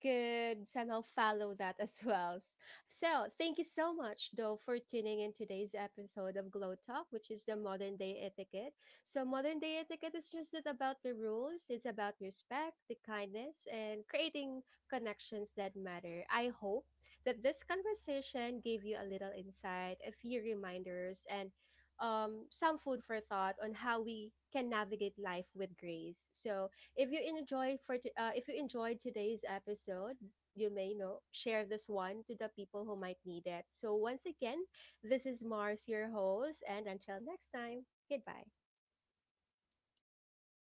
S1: could somehow follow that as well. So, thank you so much, though, for tuning in today's episode of Glow Talk, which is the modern day etiquette. So, modern day etiquette is just not about the rules, it's about respect, the kindness, and creating connections that matter. I hope that this conversation gave you a little insight, a few reminders, and, some food for thought on how we can navigate life with grace. So, if you enjoy if you enjoyed today's episode, you may know share this one to the people who might need it. So once again, this is Mars, your host, and until next time, goodbye.